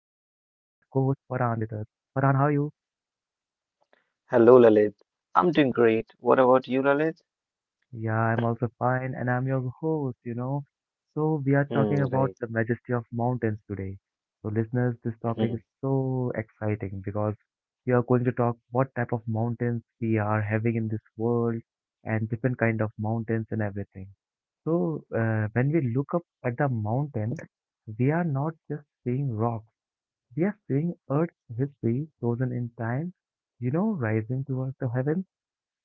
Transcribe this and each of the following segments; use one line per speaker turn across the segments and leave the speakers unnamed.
co-host Farhan with us. Farhan, how are you?
Hello, Lalit. I'm doing great. What about you, Lalit?
Yeah, I'm also fine, and I'm your host, you know. So, we are
Hmm,
talking about
right.
the majesty of mountains today. So, listeners, this
Hmm,
topic is so exciting because we are going to talk what type of mountains we are having in this world and different kind of mountains and everything. So, when we look up at the mountain, we are not just seeing rocks. We are seeing Earth's history frozen in time, you know, rising towards the heavens.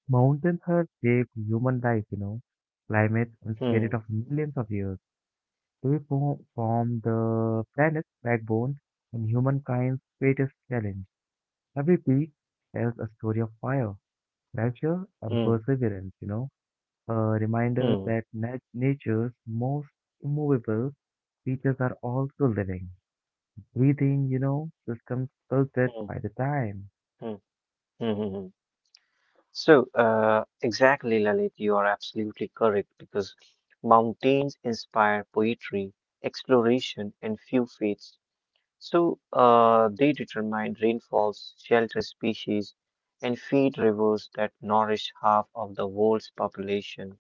Mountains have shaped human life, you know, climates and spirit
hmm,
of millions of years. They form the planet's backbone and humankind's greatest challenge. Every peak tells a story of fire, pressure, and
hmm,
perseverance, you know, a reminder
hmm,
that nature's most immovable features are also living breathing, you know, systems
hmm,
sculpted
hmm,
by the time.
hmm, hmm, hmm. Exactly, Lalit, you are absolutely correct because mountains inspire poetry, exploration, and few faiths. So, they determine rainfalls, shelter species, and feed rivers that nourish half of the world's population.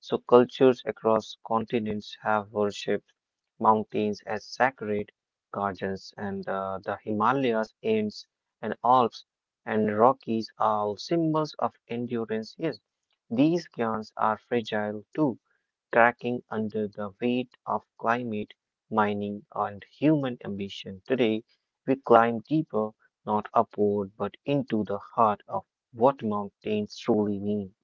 So, cultures across continents have worshipped mountains as sacred guardians, and the Himalayas, Inds, and Alps, and Rockies are symbols of endurance. Yes, these cairns are fragile too, cracking under the weight of climate mining, and human ambition. Today, we climb deeper, not upward, but into the heart of what mountains truly mean.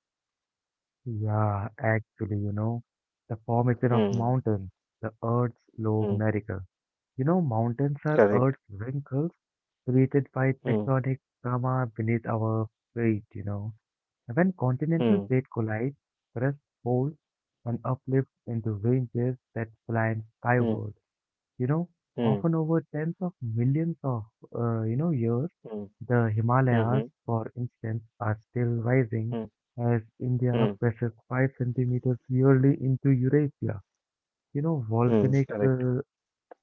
Yeah, actually, you know, the formation of
Mm,
mountains, the Earth's slow
mm,
miracle. You know, mountains are
correct.
Earth's wrinkles created by
Mm,
tectonic trauma beneath our feet, you know. And when continental
mm,
plates collide, crust folds and uplifts into ranges that climb
mm,
skyward, you know,
mm,
often over tens of millions of, you know, years.
mm,
The Himalayas,
mhm,
for instance, are still rising
mm,
as India
mm,
presses 5 centimeters yearly into Eurasia. You know,
mm, correct.
uh,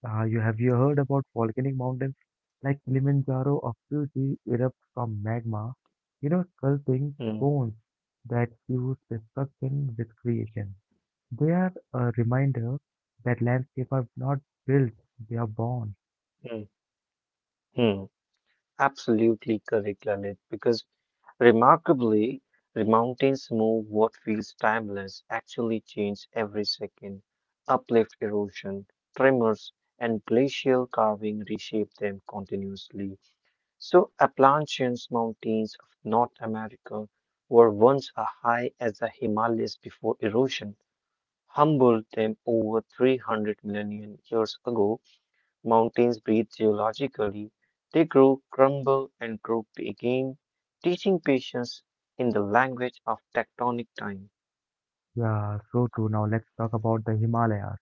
uh, you have you heard about volcanic mountains like Kilimanjaro of Turkey erupt from magma, you know, sculpting
Mm,
cones that fuse destruction with creation. They are a reminder that landscapes are not built, they are born.
mm, mm. Absolutely correct, Lalit, because remarkably, the mountains move what feels timeless actually change every second. Uplift erosion, tremors, and glacial carving reshape them continuously. So Appalachian's mountains of North America were once as high as the Himalayas before erosion humbled them over 300 million years ago. Mountains breathe geologically. They grow, crumble, and grow again, teaching patience in the language of tectonic time.
Yeah, so true. Now let's talk about the Himalayas,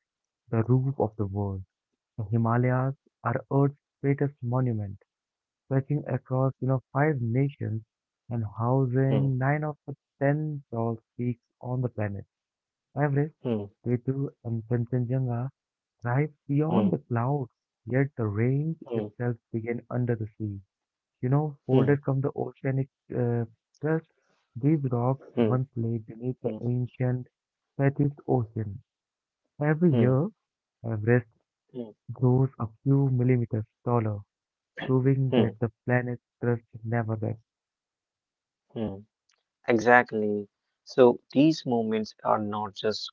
the roof of the world. The Himalayas are Earth's greatest monument, stretching across, you know, five nations and
Hmm,
housing nine of the ten tallest peaks on the planet. Everest,
hmm,
K2, and Kanchenjunga rise
hmm,
beyond the clouds, yet the range
hmm,
itself begins under the sea. You know,
hmm,
folded from the oceanic uh, crust, these rocks
hmm,
once lay beneath the
hmm,
ancient Pacific Ocean. Every
hmm,
year, Everest
hmm,
grows a few millimeters taller proving
hmm,
that the planet's crust never rests.
hmm. Exactly. So these moments are not just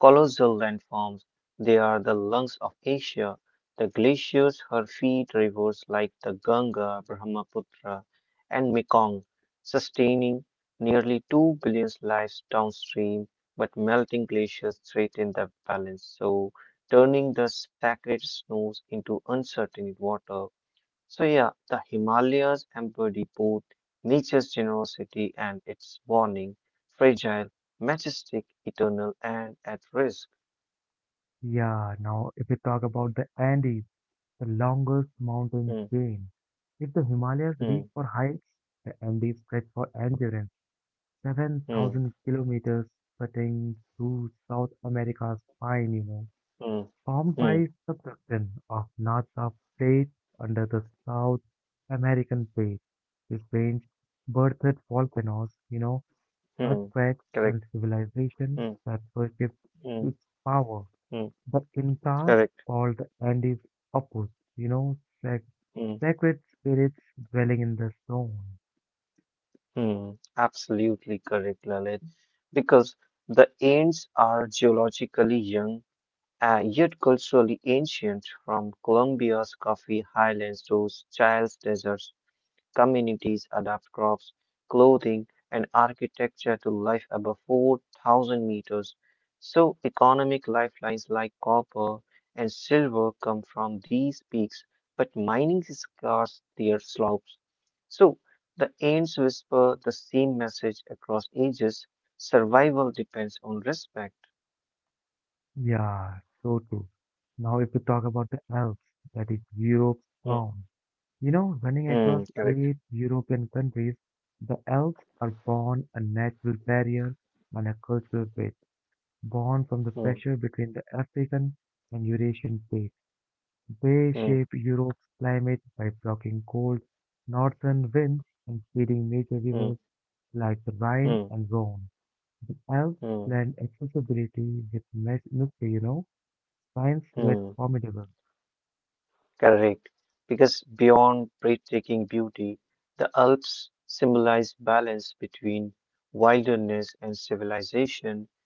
colossal landforms, they are the lungs of Asia. The glaciers her feed rivers like the Ganga, Brahmaputra, and Mekong, sustaining nearly 2 billion lives downstream, but melting glaciers threaten the balance, so turning the sacred snows into uncertain water. So yeah, the Himalayas embody both nature's generosity and its warning, fragile, majestic, eternal, and at risk.
Yeah, now if we talk about the Andes, the longest mountain
Mm,
chain. If the Himalayas
mm,
reach for heights, the Andes stretch for endurance.
mm,
7,000 kilometers cutting through South America's spine, you know,
mm,
formed by
mm,
subduction of NASA plates under the South American plate. This range birthed volcanoes, you know,
mm.
earthquakes, and
Correct.
civilization
Mm,
that worshipped
mm,
its power.
mm.
The Incas
Correct.
called the Andes Opus, you know, sac-
Mm,
sacred spirits dwelling in the stone.
mm. Absolutely correct, Lalit. Because the Andes are geologically young, yet culturally ancient, from Colombia's coffee highlands to Chile's deserts communities adapt crops, clothing, and architecture to life above 4,000 meters. So, economic lifelines like copper and silver come from these peaks, but mining scars their slopes. So, the ants whisper the same message across ages survival depends on respect.
Yeah, so true. Now, if we talk about the Alps, that is Europe's
Hmm,
crown, you know, running
hmm,
across
correct.
eight European countries, the Alps are born a natural barrier and a cultural bridge, born from the
Hmm,
pressure between the African and Eurasian plates. They
hmm,
shape Europe's climate by blocking cold northern winds and feeding major
hmm,
rivers like the Rhine
hmm,
and Rhone. The Alps
hmm,
blend accessibility with mystery, you know, science with
hmm.
formidable.
Correct. Because beyond breathtaking beauty, the Alps symbolize balance between wilderness and civilization,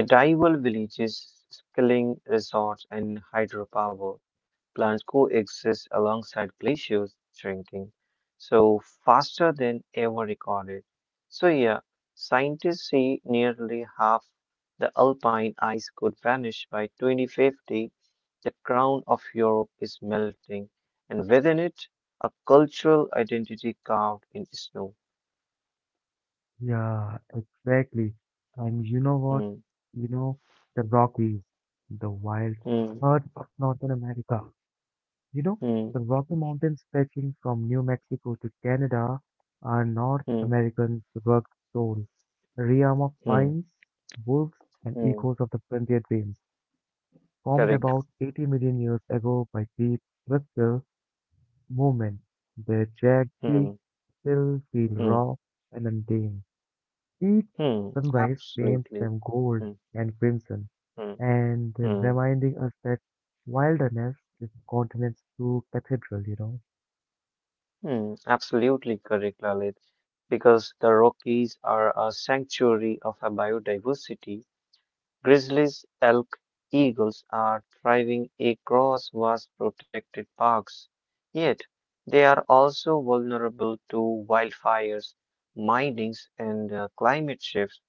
medieval villages, skiing resorts, and hydropower plants coexist alongside glaciers shrinking, so faster than ever recorded. So yeah, scientists say nearly half the alpine ice could vanish by 2050 the crown of Europe is melting, and within it, a cultural identity carved in snow.
Yeah, exactly. And you know what?
Hmm,
You know, the Rockies, the wild
hmm,
heart of Northern America. You know,
hmm,
the Rocky Mountains stretching from New Mexico to Canada are North
hmm,
American rugged soul, a realm of
hmm,
pines, wolves, and
hmm.
echoes of the frontier dreams, formed
Correct.
about 80 million years ago by deep structural movement. Their jagged peaks
Hmm,
still feel
hmm,
raw and untamed. Each
hmm.
sunrise paints them
Absolutely.
gold
Hmm,
and crimson,
hmm,
and
hmm,
reminding us that wilderness is the continent's true cathedral, you know.
hmm. Absolutely correct, Lalit. Because the Rockies are a sanctuary of a biodiversity Grizzlies, elk, eagles are thriving across vast protected parks, yet they are also vulnerable to wildfires, minings, and climate shifts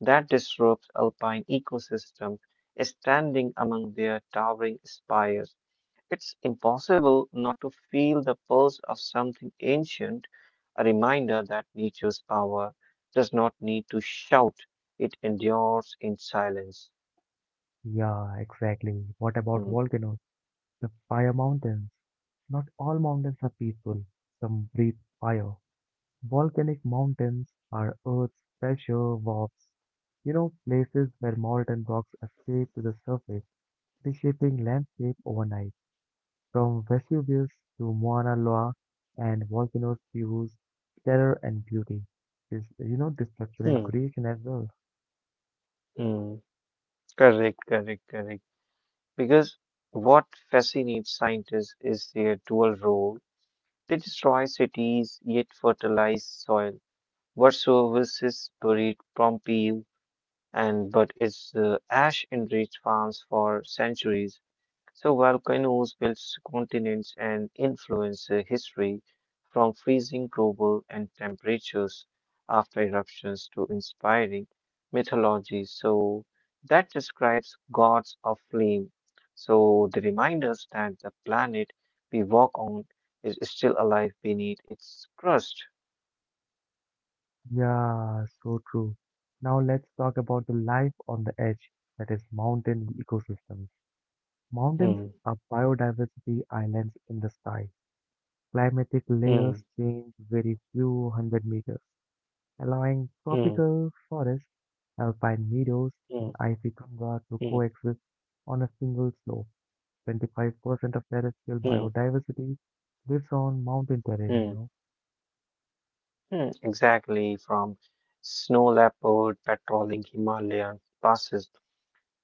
that disrupt alpine ecosystem. Standing among their towering spires, it's impossible not to feel the pulse of something ancient, a reminder that nature's power does not need to shout, it endures in silence.
Yeah, exactly. What about
Hmm.
volcanoes? The fire mountains. Not all mountains are peaceful. Some breathe fire. Volcanic mountains are Earth's pressure valves. You know, places where molten rocks escape to the surface, reshaping landscape overnight. From Vesuvius to Mauna Loa, and volcanoes fuse terror and beauty. This, you know, destruction and
Hmm,
creation as well.
hmm. Correct, correct, correct. Because what fascinates scientists is their dual role. They destroy cities yet fertilize soil. What services buried Pompeii and but its ash enriched farms for centuries. So volcanoes built continents and influence history from freezing global and temperatures after eruptions to inspiring mythology. So that describes gods of flame. So they remind us that the planet we walk on is still alive beneath its crust.
Yeah, so true. Now let's talk about the life on the edge, that is mountain ecosystems. Mountains
Hmm,
are biodiversity islands in the sky. Climatic layers
hmm,
change very few hundred meters, allowing
hmm,
tropical forests, alpine meadows, and
hmm,
icy tundra to
hmm,
coexist on a single slope. 25% of terrestrial
hmm,
biodiversity lives on mountain terrain, you
hmm,
know.
hmm. Exactly from snow leopard patrolling Himalayan passes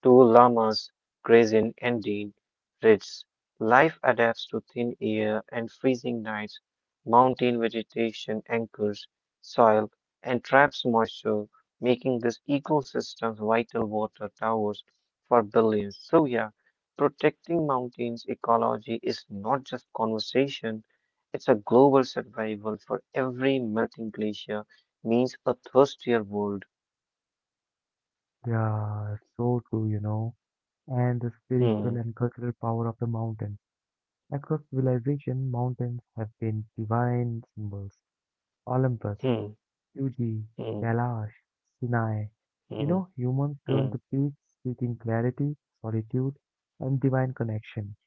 two llamas graze in Andean ridges. Life adapts to thin air and freezing nights. Mountain vegetation anchors soil and traps moisture, making this ecosystem's vital water towers for billions. So yeah, protecting mountains ecology is not just conversation, it's a global survival for every melting glacier means a thirstier world.
Yeah, so true, you know. And the
Hmm,
spiritual and cultural power of the mountain. Across civilization, mountains have been divine symbols. Olympus,
hmm,
Fuji,
hmm,
Kailash, Sinai. You
hmm,
know, humans turn
hmm.
to peaks seeking clarity, solitude, and divine connection.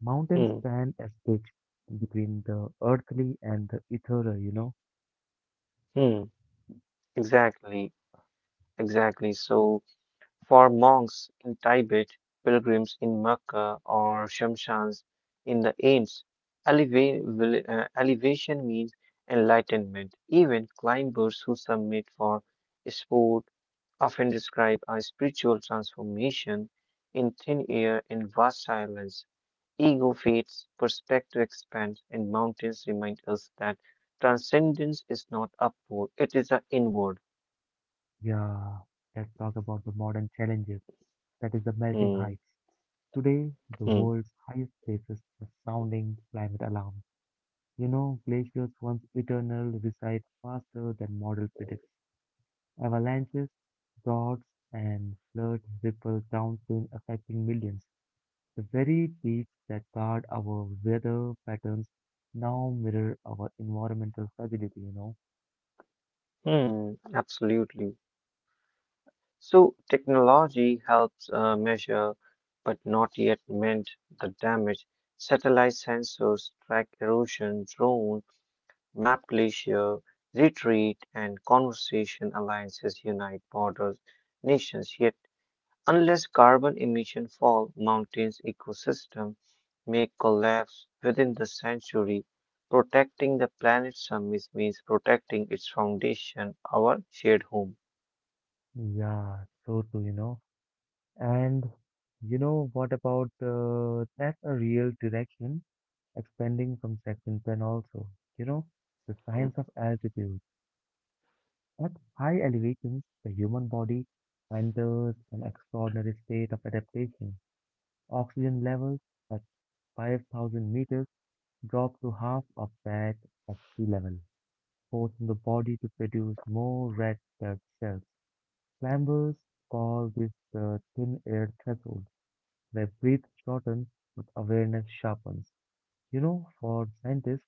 Mountains
Hmm,
stand as bridge between the earthly and the ethereal, you know.
hmm, exactly, exactly. So, for monks in Tibet, pilgrims in Mecca, or shamshans in the Ames, eleva- elevation means enlightenment. Even climbers who submit for sport often describe a spiritual transformation in thin air and vast silence. Ego fades, perspective expands, and mountains remind us that transcendence is not upward, it is an inward.
Yeah, let's talk about the modern challenges. That is the melting
Mm,
heights. Today, the
mm,
world's highest places are sounding climate alarms. You know, glaciers once eternal recede faster than model predicts. Avalanches, droughts, and floods ripple downstream, affecting millions. The very peaks that guard our weather patterns now mirror our environmental fragility, you know.
mm, absolutely. So technology helps measure, but not yet meant the damage. Satellite sensors track erosion, drones map glacier retreat, and conversation alliances unite borders, nations. Yet unless carbon emission fall, mountains ecosystem may collapse within the century. Protecting the planet's summits means protecting its foundation, our shared home.
Yeah, so too, you know. And you know what about that's a real direction expanding from section 10 also. You know, the science of altitude. At high elevations, the human body enters an extraordinary state of adaptation. Oxygen levels at 5,000 meters drop to half of that at sea level, forcing the body to produce more red blood cells. Climbers call this the thin air threshold, where breath shortens but awareness sharpens. You know, for scientists,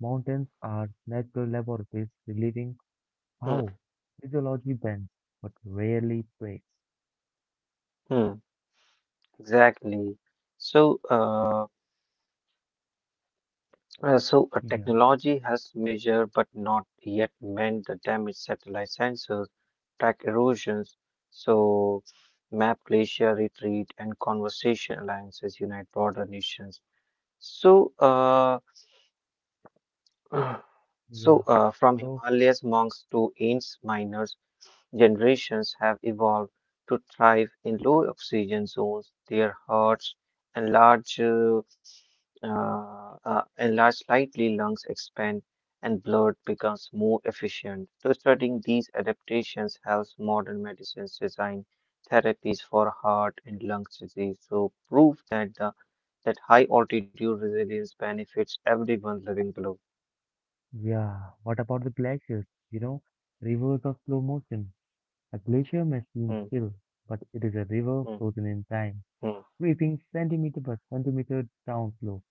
mountains are natural laboratories relieving
Mm,
how physiology bends but rarely breaks.
mm, exactly. So, uh, so,
Yeah,
technology has measured but not yet meant the damage. Satellite sensors track erosions, so map glacier retreat and conservation alliances unite broader nations. So,
yeah.
from
So,
Himalayas monks to Ains miners, generations have evolved to thrive in low oxygen zones. Their hearts enlarge, enlarge slightly, lungs expand, and blood becomes more efficient. So, studying these adaptations helps modern medicines design therapies for heart and lung disease. So, prove that the that high altitude resilience benefits everyone living below.
yeah, what about the glaciers? You know, rivers of slow motion. A glacier may seem
Hmm,
still, but it is a river
hmm,
frozen in time,
hmm,
sweeping centimeter by centimeter downslope.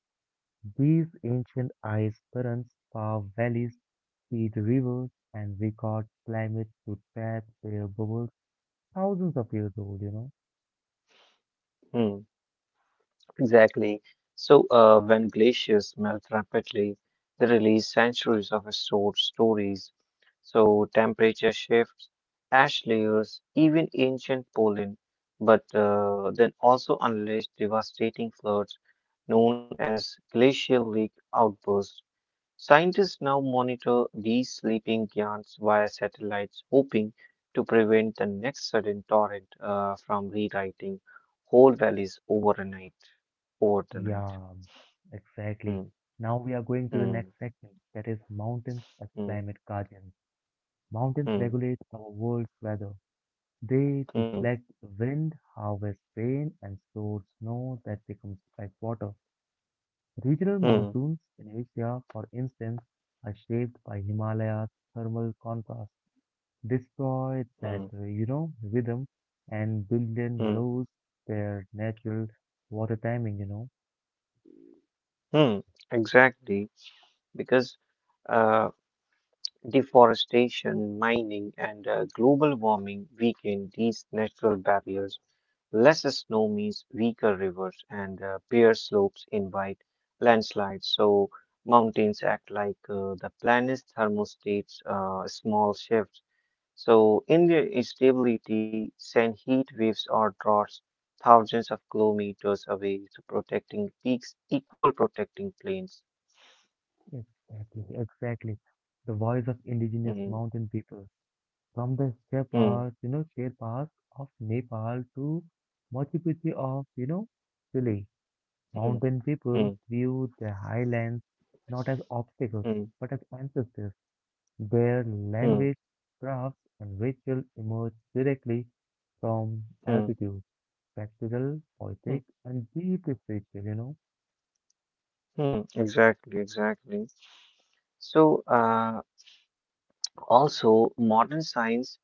These ancient ice currents carve valleys, feed rivers, and record climates to tap their bubbles thousands of years old, you know?
hmm. Exactly. So, when glaciers melt rapidly, they release centuries of stored stories. So, temperature shifts, ash layers, even ancient pollen, but then also unleash devastating floods known as glacial lake outbursts. Scientists now monitor these sleeping giants via satellites, hoping to prevent the next sudden torrent from rewriting whole valleys overnight. Overnight.
Yeah, exactly.
Mm,
Now we are going to the next
mm,
section, that is mountains as
mm,
climate guardians. Mountains
mm,
regulate our world's weather. They
mm,
deflect wind, harvest rain, and store snow that becomes like water. Regional
mm,
monsoons in Asia, for instance, are shaped by Himalayas' thermal contrast, destroy that,
mm,
you know, rhythm, and billion
mm,
lose their natural water timing, you know.
mm. Exactly, because uh, deforestation, mining, and global warming weaken these natural barriers. Less snow means weaker rivers, and bare slopes invite landslides. So mountains act like the planet's thermostates. Small shifts so in their instability, send heat waves or droughts thousands of kilometers away, so protecting peaks equal protecting plains.
Exactly, exactly. The voice of indigenous
Mm,
mountain people, from the
mm,
Sherpas, you know, Sherpas of Nepal to Machu Picchu of, you know, Chile.
mm,
Mountain peoples
mm,
view their highlands not as obstacles
mm,
but as ancestors. Their
mm,
language, crafts, and ritual emerge directly from
mm,
altitude, practical, poetic,
mm,
and deeply spiritual, you know?
mm. Exactly, exactly. So, also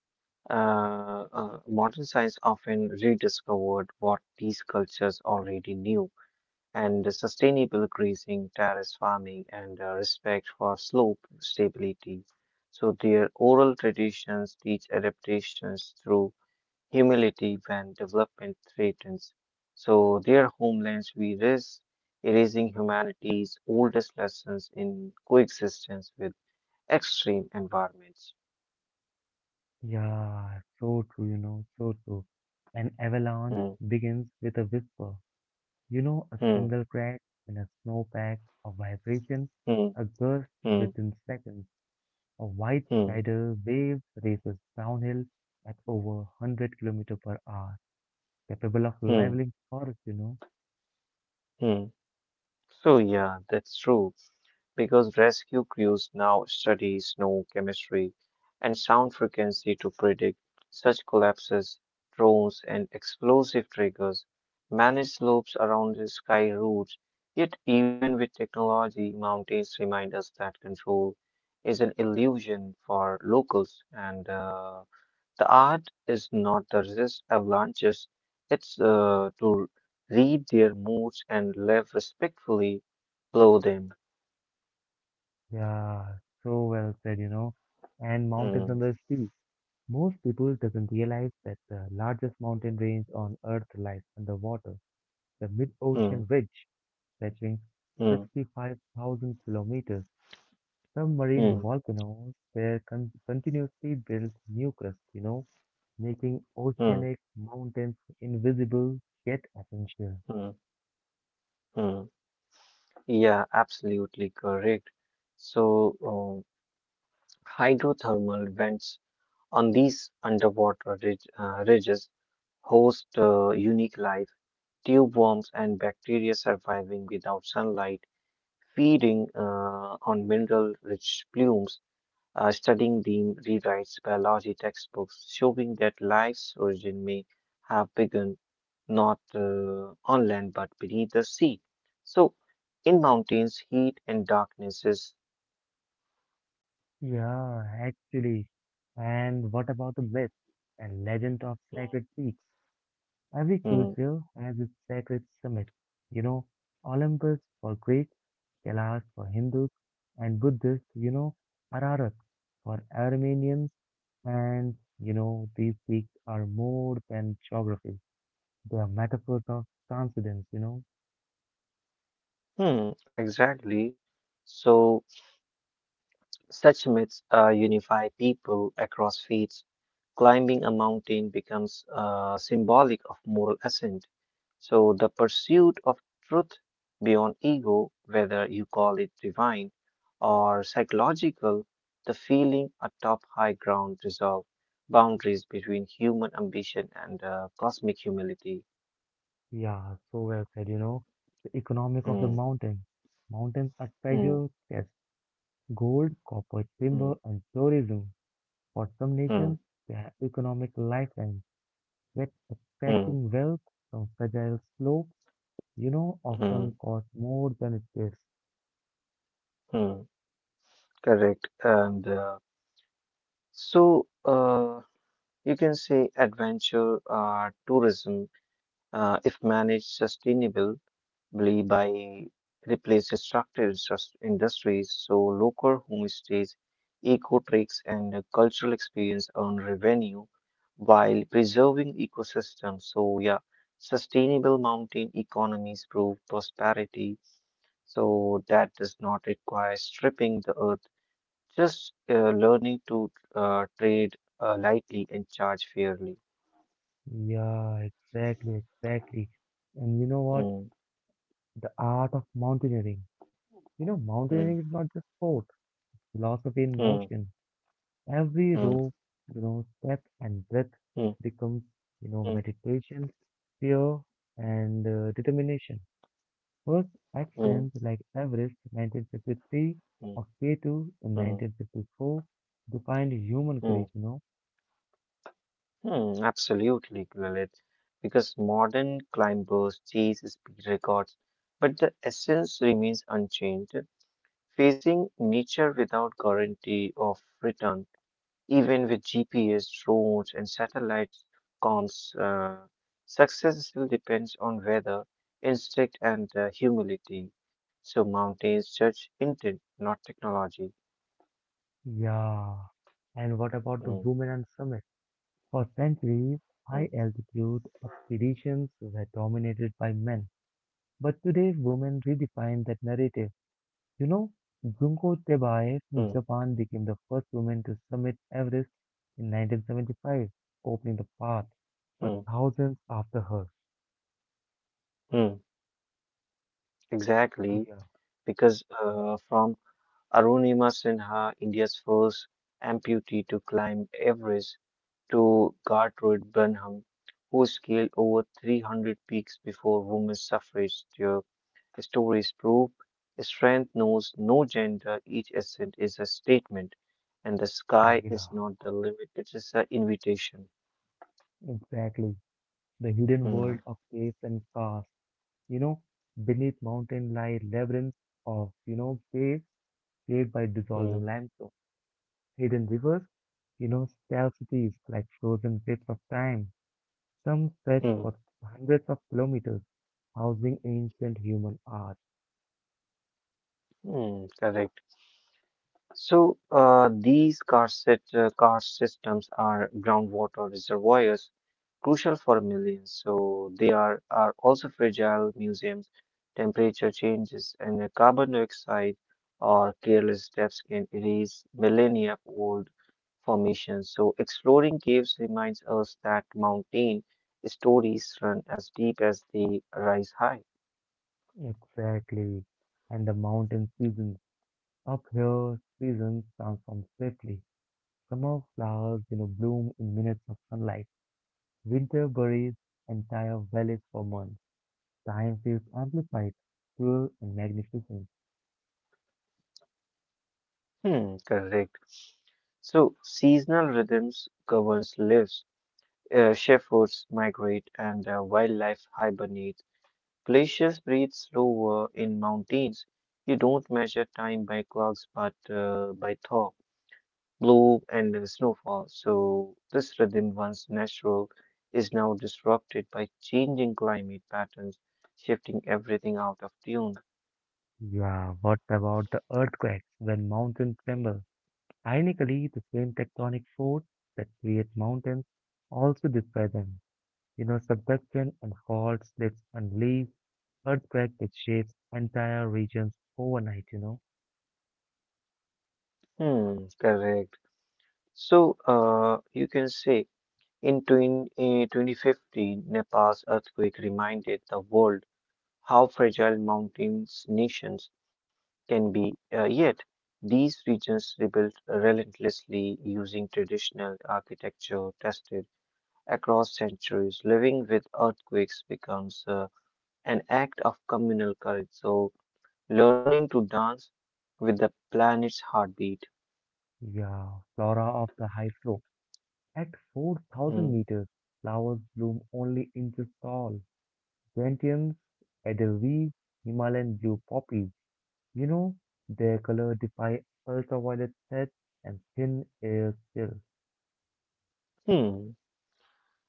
modern science often rediscovered what these cultures already knew. And sustainable grazing, terrace farming, and respect for slope stability. So their oral traditions teach adaptations through humility when development threatens. So their homelands we risk erasing humanity's oldest lessons in coexistence with extreme environments.
Yeah, so true, you know, so true. An avalanche
Hmm,
begins with a whisper, you know, a
hmm,
single crack in a snowpack, a vibration,
hmm,
a gust
hmm,
within seconds. A white
hmm,
tidal wave races downhill at over 100 kilometer per hour, capable of
hmm,
leveling forests, you know.
hmm. So yeah, that's true. Because rescue crews now study snow chemistry and sound frequency to predict such collapses. Drones and explosive triggers manage slopes around the sky routes. Yet, even with technology, mountains remind us that control is an illusion for locals, and the art is not to resist avalanches, it's to read their moods and live respectfully below them.
Yeah, so well said, you know. And mountains
Hmm.
under sea. Most people doesn't realize that the largest mountain range on Earth lies underwater, the mid-ocean
Hmm.
ridge, stretching
Mm,
65,000 kilometers. Submarine
mm,
volcanoes there continuously build new crust, you know, making
mm,
oceanic mountains invisible yet essential.
mm, mm. Yeah, absolutely correct. So, hydrothermal vents on these underwater ridges host unique life, tube worms and bacteria surviving without sunlight, feeding on mineral-rich plumes. Studying Dean rewrites biology textbooks, showing that life's origin may have begun not on land but beneath the sea. So, in mountains, heat and darknesses.
Yeah, actually. And what about the myth and legend of sacred peaks? Every
Hmm,
culture has its sacred summit. You know, Olympus for Greeks, Kailash for Hindus and Buddhists, you know, Ararat for Armenians, and you know, these peaks are more than geography. They are metaphors of transcendence, you know.
hmm, exactly. So, such myths unify people across faiths. Climbing a mountain becomes symbolic of moral ascent. So, the pursuit of truth beyond ego, whether you call it divine or psychological, the feeling atop high ground resolve boundaries between human ambition and cosmic humility.
Yeah, so well said, you know. The economic of the
Mm,
mountains. Mountains are
mm,
treasure chests, gold, copper,
mm,
timber, and tourism. For some
mm,
nations, they are economic lifelines, yet
mm,
extracting wealth from fragile slopes, you know,
mm,
often costs more than it pays.
mm. Correct. So, uh, You can say adventure tourism, if managed sustainably by replace destructive industries, so local homestays, eco tricks, and cultural experience earn revenue while preserving ecosystems. So yeah, sustainable mountain economies prove prosperity. So that does not require stripping the earth, just learning to trade lightly and charge fairly.
Yeah, exactly, exactly. And you know what?
Mm.
The art of mountaineering. You know,
Mm,
mountaineering is not just sport, philosophy in
mm,
motion. Every
mm,
row, you know, step and breath
mm,
becomes, you know,
mm,
meditation, fear, and determination. First
mm,
actions like Everest 1953
mm,
or K2 in
mm,
1954 defined human
mm,
courage, you know.
mm. Absolutely, Lilith. Because modern climbers chase speed records, but the essence remains unchanged. Facing nature without guarantee of return, even with GPS, drones, and satellites comms, success still depends on weather, instinct, and humility. So mountains judge intent, not technology.
Yeah. And what about the
Mm.
women and summit? For centuries,
Mm.
high altitude expeditions were dominated by men. But today, women redefine that narrative. You know, Junko Tebae
Mm,
from Japan became the first woman to summit Everest in 1975, opening the path for
mm,
thousands after her.
mm. Exactly,
Yeah,
because from Arunima Sinha, India's first amputee to climb Everest, to Gertrude Benham, who scaled over 300 peaks before women's suffrage, their stories prove strength knows no gender, each ascent is a statement, and the sky is
yeah,
not the limit, it is an invitation.
exactly. The hidden
Mm,
world of caves and casts, you know, beneath mountain lie labyrinths of, you know, caves shaped by
mm,
dissolving limestone, hidden rivers, you know, stealth cities like frozen cliffs of time. Some stretch
mm,
for hundreds of kilometers, housing ancient human art.
mm. Correct. So uh, karst systems are groundwater reservoirs, crucial for millions. So they are also fragile museums. Temperature changes and the carbon dioxide or careless steps can erase millennia old formations. So exploring caves reminds us that mountain stories run as deep as they rise high.
Exactly. And the mountain seasons. Up here, seasons transform swiftly. Summer flowers, you know, bloom in minutes of sunlight. Winter buries entire valleys for months. Time feels amplified, cruel, and magnificent.
Hmm, correct. So seasonal rhythms governs lives. Shepherds migrate and wildlife hibernates. Glaciers breathe slower in mountains. You don't measure time by clocks, but by thaw, blow, and snowfall. So this rhythm, once natural, is now disrupted by changing climate patterns, shifting everything out of tune.
Yeah, what about the earthquakes when mountains tremble? Ironically, the same tectonic force that creates mountains also destroy them. You know, subduction and fault slips and leaves earthquake which shapes entire regions overnight, you know.
Hmm, correct. So you can say in 2015, Nepal's earthquake reminded the world how fragile mountains, nations can be, yet these regions rebuilt relentlessly using traditional architecture tested across centuries. Living with earthquakes becomes an act of communal courage, so learning to dance with the planet's heartbeat.
Yeah, flora of the high flow. At
Mm.
4,000 meters, flowers bloom only inches tall. Gentians, edelweiss, Himalayan blue poppies. You know, their color defy ultraviolet sets and thin air still.
Hmm.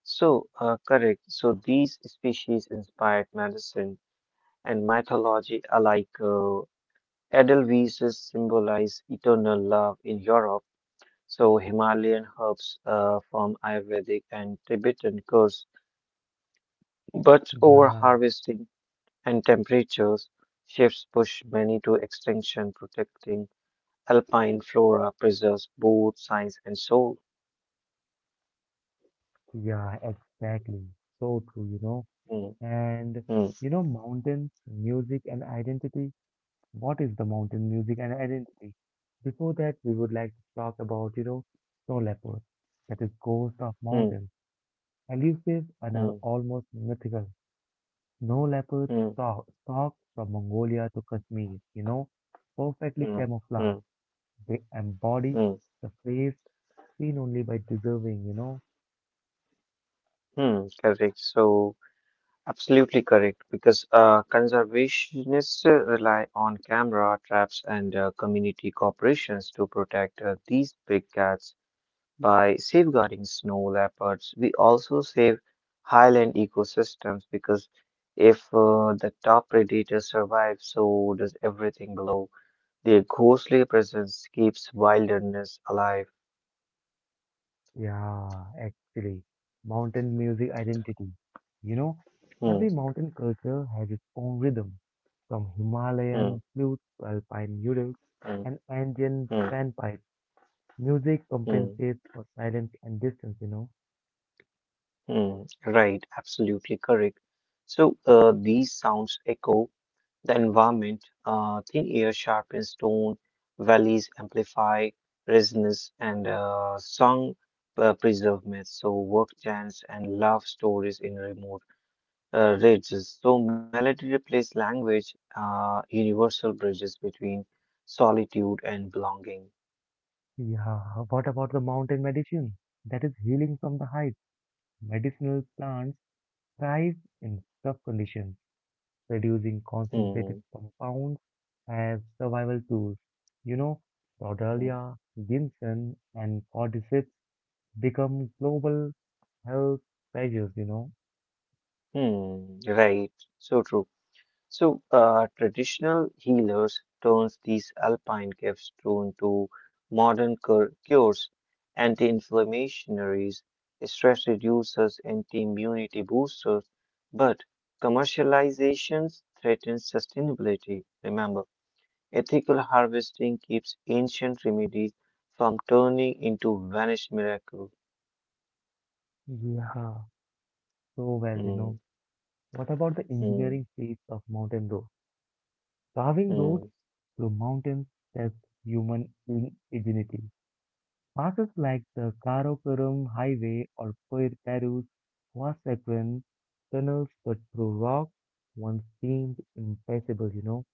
Correct. So, these species inspired medicine and mythology alike. Edelweiss symbolize eternal love in Europe, so Himalayan herbs from Ayurvedic and Tibetan curse, but over
Yeah,
harvesting and temperatures shifts push many to extinction, protecting alpine flora preserves both science and soul.
yeah, exactly. So true, you know.
Hmm.
And
Hmm.
you know, mountains, music, and identity. What is the mountain music and identity? Before that, we would like to talk about, you know, snow leopard, that is ghost of
Hmm.
mountain, elusive and
Hmm.
are almost mythical. Snow leopards
Hmm.
stalk from Mongolia to Kashmir, you know, perfectly
Hmm.
camouflaged.
Hmm.
They embody
mm,
the face seen only by deserving.
Correct. Absolutely correct, because conservationists rely on camera traps and community corporations to protect these big cats. By safeguarding snow leopards, we also save highland ecosystems because if the top predator survives, so does everything below. Their ghostly presence keeps wilderness alive.
Yeah, actually, mountain music identity. You know,
Hmm,
every mountain culture has its own rhythm, from Himalayan
hmm,
flutes to alpine noodles
hmm,
and Andean
hmm,
panpipes. Music
hmm.
compensates for silence and distance.
Hmm, right, absolutely correct. So these sounds echo the environment. Thin air sharpens tone, valleys amplify resonance, and song preserve myths. So work chants and love stories in remote ridges. So melody replaces language, universal bridges between solitude and belonging.
Yeah, what about the mountain medicine? That is healing from the heights. Medicinal plants thrive in tough conditions. Reducing concentrated
Hmm,
compounds as survival tools. You know,
hmm,
Brodallia, ginseng, and cordyceps become global health treasures.
hmm, right, so true. Traditional healers turns these alpine gifts into modern cures, anti inflammatories stress reducers, anti-immunity boosters, but commercializations threaten sustainability. Remember, ethical harvesting keeps ancient remedies from turning into vanished miracles.
Yeah, so well, you
Hmm,
know. What about the
hmm,
engineering feats of mountain roads? Carving roads
hmm,
through mountains tests human ingenuity. Passes like the Karakoram Highway or Peru's Huasecuan tunnels cut through rock once seemed impassable?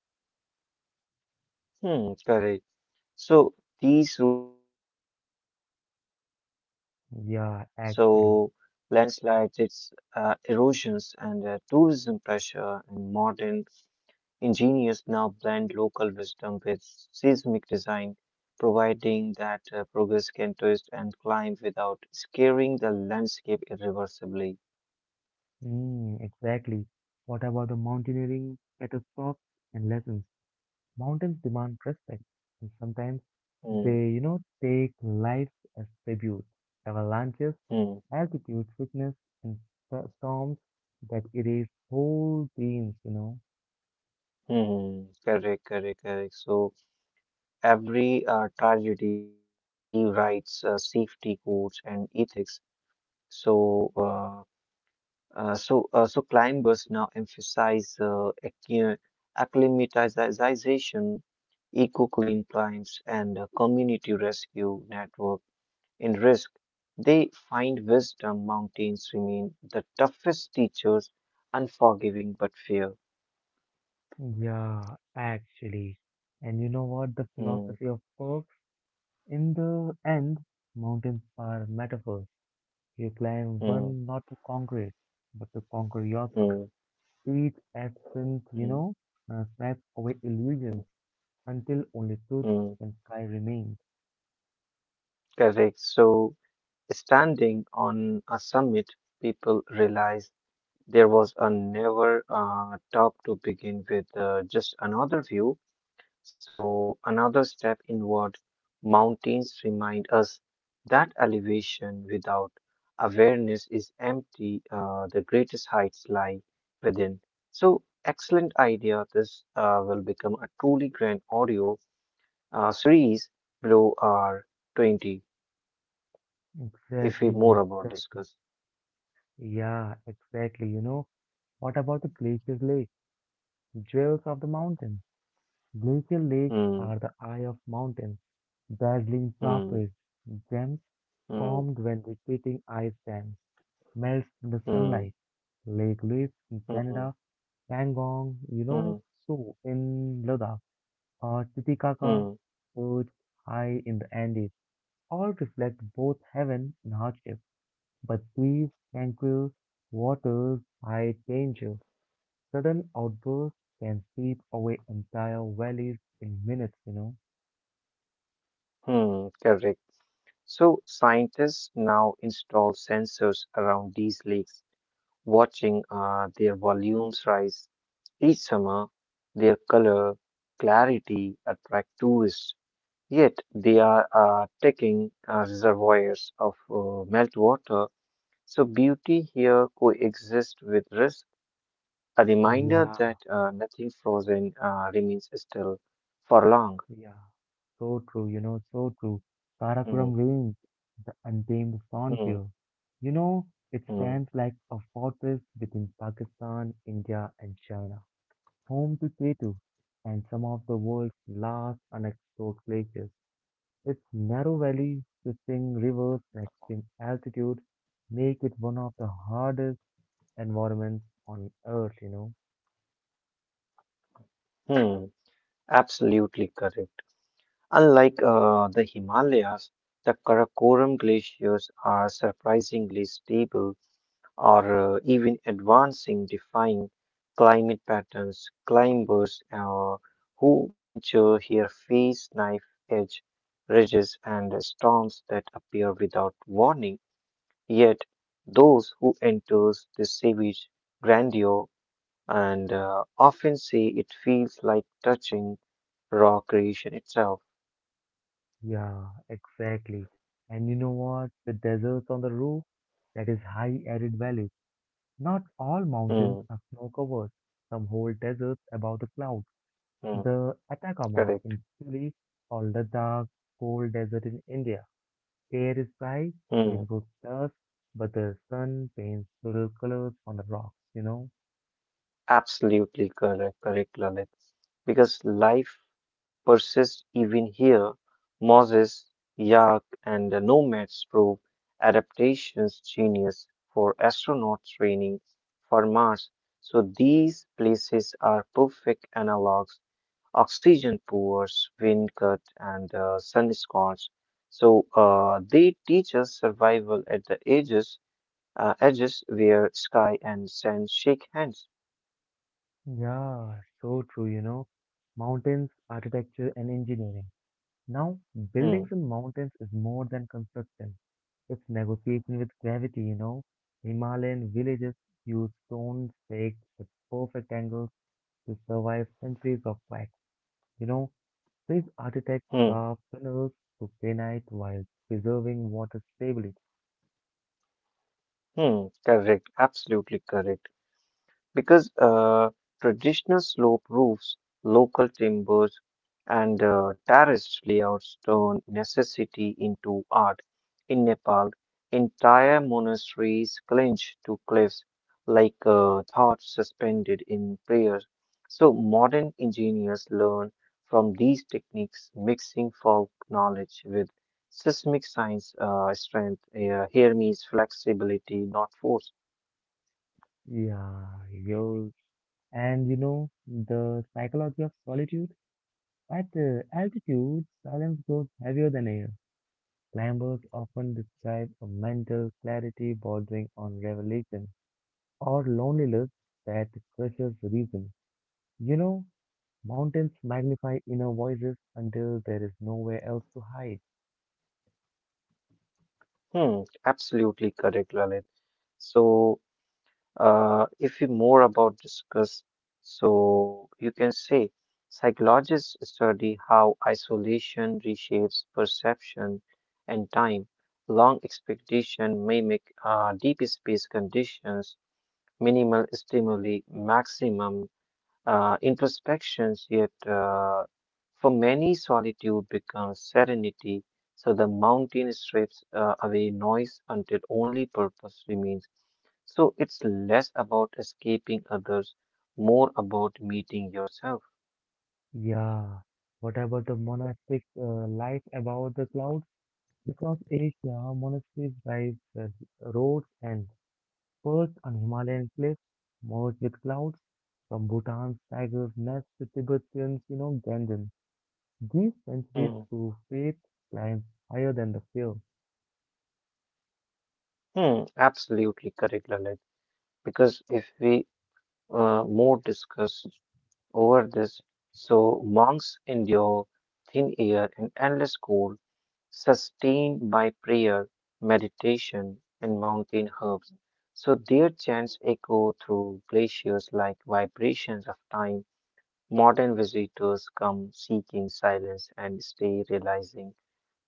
hmm, correct. So these routes link cultures but also bring risk.
Yeah,
So
actually.
landslides, its erosions, and tourism pressure, and modern engineers now blend local wisdom with seismic design, providing that progress can twist and climb without scaring the landscape irreversibly.
Mm, exactly. What about the mountaineering catastrophes and lessons? Mountains demand respect, and sometimes
Mm,
they take life as tribute. Avalanches,
mm,
altitude sickness, and storms that erase whole teams?
mm. Correct, correct, correct. So every tragedy rewrites safety codes and ethics. So, uh, so climbers now emphasize acclimatization, eco-clean climbs, and community rescue network in risk. They find wisdom. Mountains remain the toughest teachers, unforgiving but fair.
Yeah, actually. And you know what? The
Mm,
philosophy of perks, in the end, mountains are metaphors. You climb
mm,
one not to conquer it, but to conquer yourself.
mm,
Each ascent, you
mm,
know, uh, snaps away
mm,
illusions until only truth
mm.
and sky remain.
Correct. So, standing on a summit, people realize there was a never top to begin with, just another view. So, another step inward. Mountains remind us that elevation without awareness is empty, the greatest heights lie within. So, excellent idea. This will become a truly grand audio series below our 20 if we
Exactly,
more about
exactly.
discuss.
Yeah, exactly. What about the glacier lake, jewels of the mountain? Glacial lakes
Hmm,
are the eye of mountains, dazzling
hmm,
turquoise gems
hmm,
formed when retreating ice dams melts in the
hmm,
sunlight. Lake Louise in
hmm,
Canada, Pangong, you
hmm, hmm.
know, Tso in Ladakh, or Titicaca,
Hmm.
perched high in the Andes, all reflect both heaven and hardship. But these tranquil waters hide danger. Sudden outbursts can sweep away entire valleys in minutes.
Hmm, correct. So scientists now install sensors around these lakes, watching their volumes rise each summer. Their color, clarity attract tourists. Yet they are taking reservoirs of meltwater. So beauty here coexists with risk. A reminder
Yeah,
that nothing frozen remains still for long.
yeah. So true, so true. Karakoram
Hmm,
Range, the untamed
hmm,
frontier. You know, it
hmm,
stands like a fortress between Pakistan, India, and China, home to Ketu and some of the world's last unexplored glaciers. Its narrow valleys, twisting rivers, and extreme altitude make it one of the hardest environments on Earth.
hmm. Absolutely correct. Unlike the Himalayas, the Karakoram glaciers are surprisingly stable or even advancing, defying climate patterns. Climbers who venture here face knife edge ridges and storms that appear without warning. Yet, those who enter this savage grandeur and often say it feels like touching raw creation itself.
Yeah, exactly. And you know what? The deserts on the roof, that is high arid valleys. Not all
Hmm,
mountains are snow covered. Some whole deserts above the clouds.
hmm.
The Atacama
Correct.
in Chile or Ladakh, cold desert in India. Air is bright,
Hmm.
rainbows dust, but the sun paints little colors on the rocks?
Absolutely correct, correct, Lalit. Because life persists even here. Moses, Yak, and the nomads prove adaptation's genius for astronaut training for Mars. So these places are perfect analogs: oxygen pours, wind cut, and sun scorch. So they teach us survival at the edges, edges where sky and sand shake hands.
Yeah, so true. Mountains, architecture, and engineering. Now,
Hmm.
buildings in mountains is more than construction. It's negotiation with gravity. Himalayan villages use stone stakes with perfect angles to survive centuries of quakes. You know, these architects
Hmm.
carve tunnels through granite while preserving water stability.
Mm, correct, absolutely correct. Because traditional slope roofs, local timbers, and terraced layouts turn necessity into art. In Nepal, entire monasteries clinch to cliffs like thoughts suspended in prayer. So, modern engineers learn from these techniques, mixing folk knowledge with seismic science strength. Here means flexibility, not force.
Yeah, yours. And the psychology of solitude. At altitude, silence grows heavier than air. Climbers often describe a mental clarity bordering on revelation or loneliness that crushes reason. You know, mountains magnify inner voices until there is nowhere else to hide.
Hmm, absolutely correct, Lalit. So, if we more about discuss, so you can say psychologists study how isolation reshapes perception and time. Long expectation mimic deep space conditions, minimal stimuli, maximum introspections. Yet, for many, solitude becomes serenity. So the mountain strips away noise until only purpose remains. So it's less about escaping others, more about meeting yourself.
Yeah. What about the monastic life above the clouds? Across Asia, monasteries rise as roads and perched on Himalayan cliffs, merge with clouds. From Bhutan's tiger's nest to Tibetan's, Ganden. Give centuries
Hmm.
to faith climbs higher than the film.
Hmm. Absolutely correct, Lalit. Because if we more discuss over this, so monks endure thin air and endless cold, sustained by prayer, meditation, and mountain herbs. So their chants echo through glaciers like vibrations of time. Modern visitors come seeking silence and stay realizing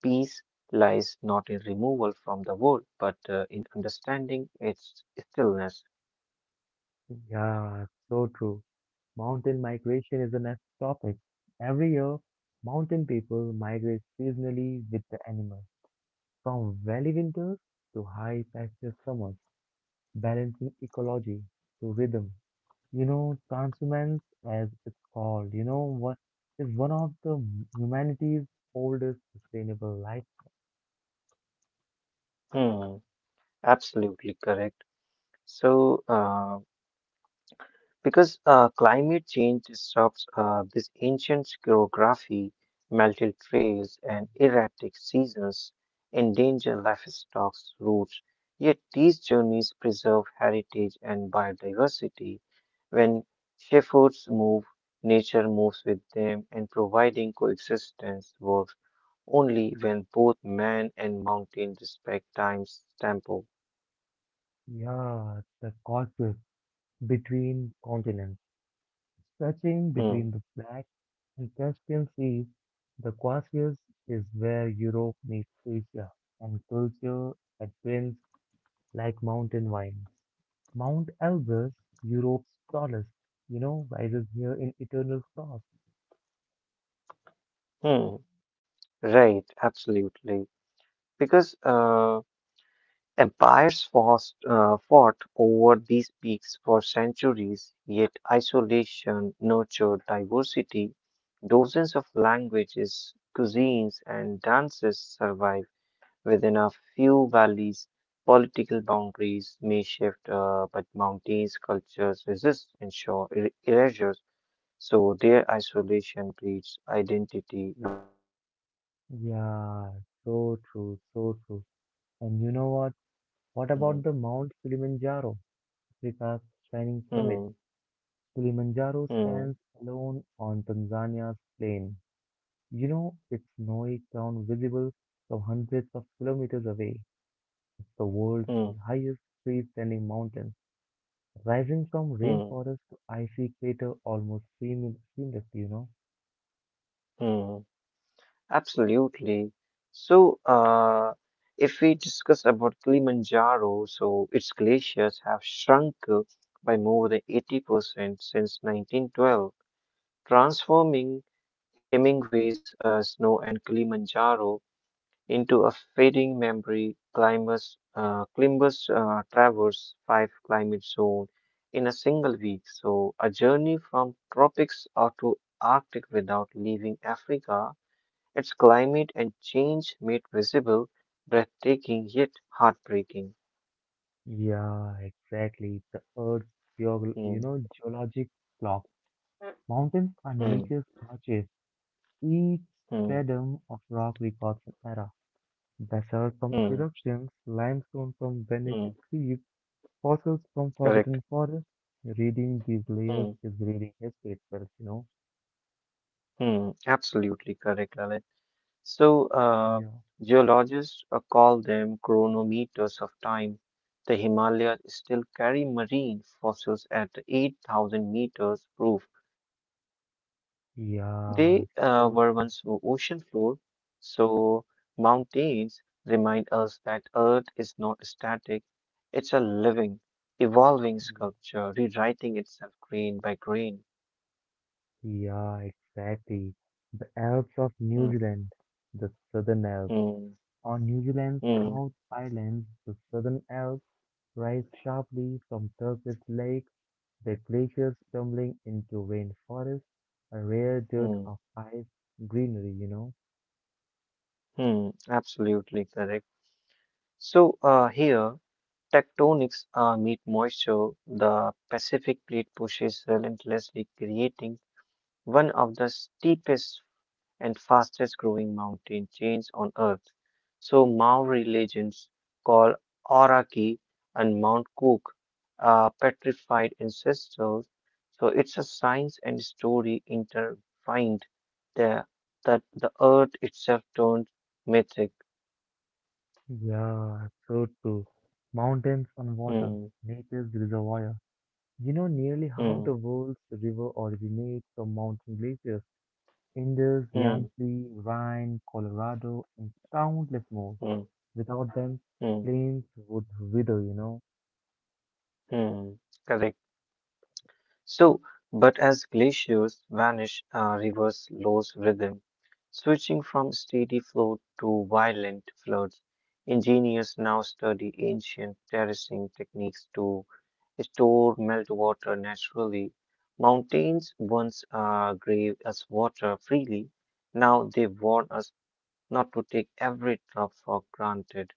peace lies not in removal from the world, but in understanding its stillness.
Yeah, so true. Mountain migration is the next topic. Every year, mountain people migrate seasonally with the animals, from valley winters to high pasture summers, balancing ecology to rhythm. Transhumance, as it's called, what is one of the humanity's oldest sustainable life.
Hmm, absolutely correct. So, uh, because climate change disrupts this ancient geography, melted trails, and erratic seasons endanger livestock's roots. Yet these journeys preserve heritage and biodiversity. When shepherds move, nature moves with them, and providing coexistence works only when both man and mountain respect time's tempo.
Yeah, the causes between continents. Stretching
Hmm.
between the Black and Caspian Seas, the Caucasus is where Europe meets Asia, and culture advents like mountain vines. Mount Elbrus, Europe's tallest, rises here in eternal frost.
Hmm. Right, absolutely. Because Empires fought over these peaks for centuries, yet isolation nurtured diversity. Dozens of languages, cuisines, and dances survive within a few valleys. Political boundaries may shift, but mountains' cultures resist and show erasures, so their isolation breeds identity, not loneliness.
Yeah, so true, so true. And you know what? What
Mm,
about the Mount Kilimanjaro, Africa's shining summit?
mm,
Kilimanjaro
mm,
stands alone on Tanzania's plain, its snowy crown visible from hundreds of kilometers away. It's the world's
mm,
highest free-standing mountain, rising from
mm,
rainforest to icy crater almost seamlessly?
mm. Absolutely. So, uh, if we discuss about Kilimanjaro, so its glaciers have shrunk by more than 80% since 1912, transforming Hemingway's Snow and Kilimanjaro into a fading memory. Climbers traverse five climate zones in a single week. So, a journey from tropics out to Arctic without leaving Africa, its climate and change made visible, breathtaking yet heartbreaking.
Yeah, exactly. The Earth's
Hmm,
geologic clock. Mountains are
hmm,
nature's watches. Each
hmm,
stratum of rock records an era. Basalt from
hmm,
eruptions, limestone from vanished
hmm.
seas. Fossils from forgotten
Correct.
forests. Reading these layers
Hmm,
is reading history itself.
hmm. Absolutely correct, Lalit. So, uh,
Yeah.
Geologists call them chronometers of time. The Himalayas still carry marine fossils at 8,000 meters proof. They were once
Yeah,
ocean
so,
floor, so mountains remind us that Earth is not static. It's a living, evolving sculpture, rewriting itself grain by grain.
yeah, exactly. The Alps of
Hmm,
New Zealand, the Southern Alps.
hmm,
On New Zealand's
hmm,
South Islands, the Southern Alps rise sharply from turquoise lakes, the glaciers tumbling into rainforests, a rare dirt
hmm,
of ice greenery.
hmm. Absolutely correct. So here, tectonics meet moisture. The Pacific plate pushes relentlessly, creating one of the steepest and fastest growing mountain chains on earth. So Maori legends call Aoraki and Mount Cook petrified ancestors. So it's a science and story intertwined there that the earth itself turned mythic.
Yeah, so true. Mountains and water,
Hmm,
nature's reservoir. Nearly half the
hmm,
world's river originates from mountain glaciers. Indus,
hmm,
Yangtze, Rhine, Colorado, and countless more.
hmm,
Without them,
hmm,
plains would wither.
hmm. Correct. So, but as glaciers vanish, rivers lose rhythm, switching from steady flow to violent floods. Engineers now study ancient terracing techniques to store meltwater naturally. Mountains once gave us water freely, now they warn us not to take every drop for granted.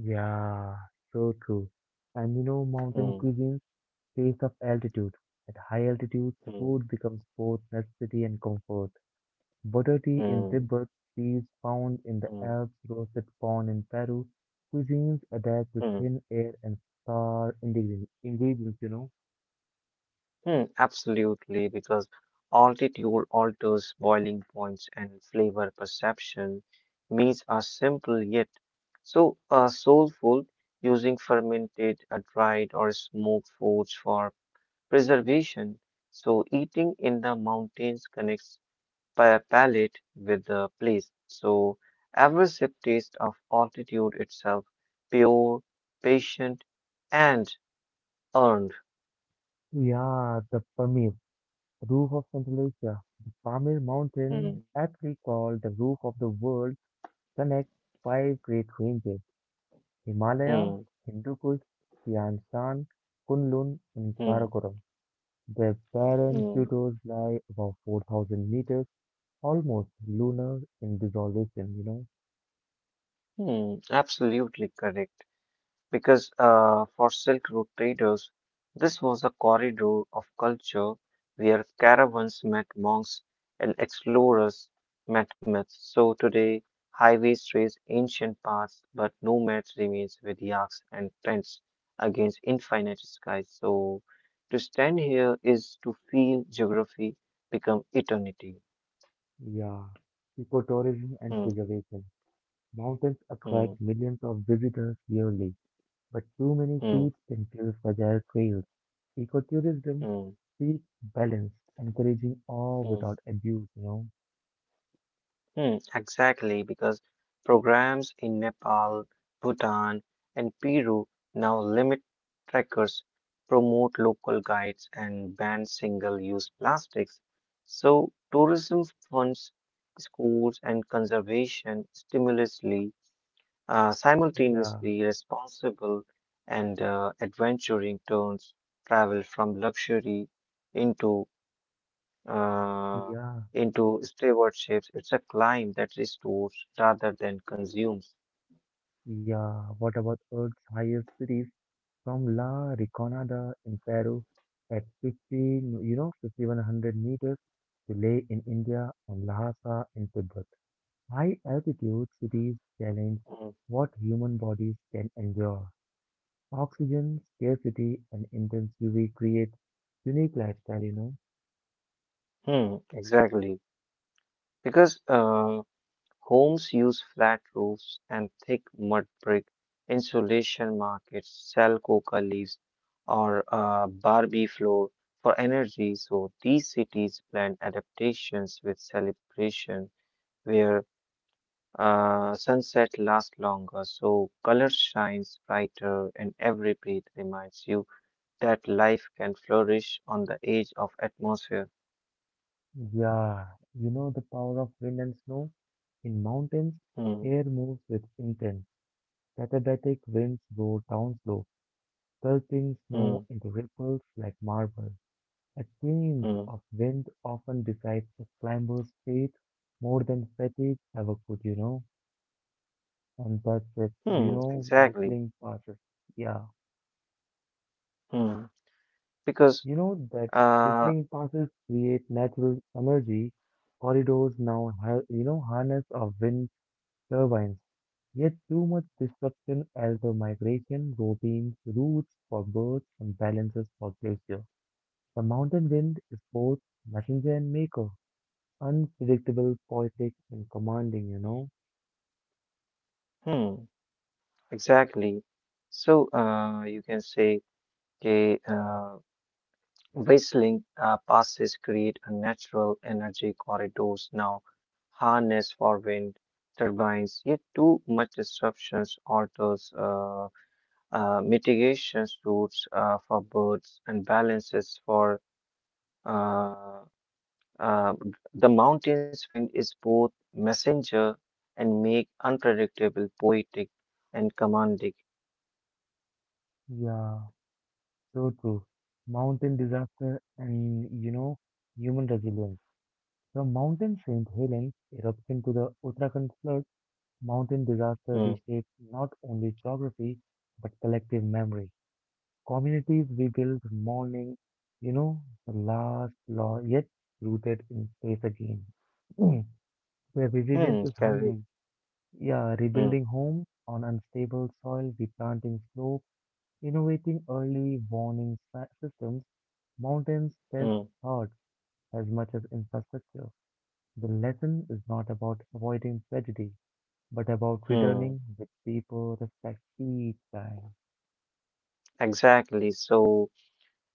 Yeah, so true. And mountain
Hmm,
cuisines taste of altitude. At high altitudes,
hmm,
food becomes both necessity and comfort. Boddati in
hmm,
Tibet, cheese found in the
hmm,
Alps, roasted corn in Peru. Cuisines adapt to
hmm.
thin air and star ingredients.
Hmm, absolutely, because altitude alters boiling points and flavor perception. Meats are simple yet so soulful, using fermented, dried, or smoked foods for preservation. So eating in the mountains connects palate with the place. So every sip taste of altitude itself, pure, patient, and earned.
Yeah, the Pamir, roof of Central Asia. The Pamir
Hmm,
Mountain, aptly called the roof of the world, connects five great ranges
hmm,
Himalaya, Hindu Kush, Tian Shan, Kunlun, and
hmm,
Karakoram. Their barren
hmm.
plateaus lie above 4,000 meters. Almost lunar in dissolvation?
Hmm, absolutely correct. Because for Silk Road traders, this was a corridor of culture where caravans met monks and explorers met myths. So today, highways trace ancient paths, but nomads remains with yaks and tents against infinite skies. So to stand here is to feel geography become eternity.
Yeah. Ecotourism and
Hmm,
preservation. Mountains
hmm,
attract millions of visitors yearly, but too many
hmm,
feet can kill fragile trails. Ecotourism
hmm,
seeks balance, encouraging awe
hmm.
without abuse?
Hmm, exactly, because programs in Nepal, Bhutan, and Peru now limit trackers, promote local guides, and ban single use plastics. So, tourism funds schools and conservation stimulusly,
Yeah,
simultaneously responsible and adventuring turns travel from luxury into uh,
yeah,
into stewardships. It's a climb that restores rather than consumes.
yeah. What about Earth's highest cities? From La Riconada in Peru at 15, 5100 meters to Leh in India and Lhasa in Tibet. High altitude cities challenge what human bodies can endure. Oxygen scarcity and intense UV create unique lifestyle.
Hmm, exactly. Because homes use flat roofs and thick mud brick. Insulation markets sell coca leaves or Barbie floor for energy. So these cities blend adaptations with celebration where sunset lasts longer, so color shines brighter and every breath reminds you that life can flourish on the edge of atmosphere.
Yeah, you know the power of wind and snow? In mountains,
Hmm,
air moves with intent. Katabatic winds blow down slow, pelting
hmm,
snow into ripples like marble. A change
hmm,
of wind often decides a climber's fate more than fatigue ever could. And that's it. you
hmm,
know,
exactly.
rippling passes. Yeah,
Hmm, because,
you know that
uh,
rippling passes create natural energy. Corridors now, harness of wind turbines. Yet too much disruption alters migration routines, routes for birds, and balances for glacier. The mountain wind is both messenger and maker, unpredictable, poetic, and commanding.
hmm, exactly. You can say a whistling passes create a natural energy corridors now harness for wind turbines. Yet too much disruptions alters mitigations routes for birds and balances for. Uh, Uh, the mountain's wind is both messenger and make unpredictable, poetic, and commanding.
Yeah, so true. Mountain disaster and human resilience. From Mountain St. Helens eruption to the Uttarakhand flood, mountain disaster
Hmm,
reshapes not only geography but collective memory. Communities rebuild mourning, the last law yet rooted in faith again. Mm. Where resilience
hmm,
is
correct.
humbling. Yeah,
Hmm,
rebuilding homes on unstable soil, replanting slopes, innovating early warning systems, mountains test
hmm,
hearts as much as infrastructure. The lesson is not about avoiding tragedy, but about
hmm.
returning with deeper respect each time.
Exactly. So,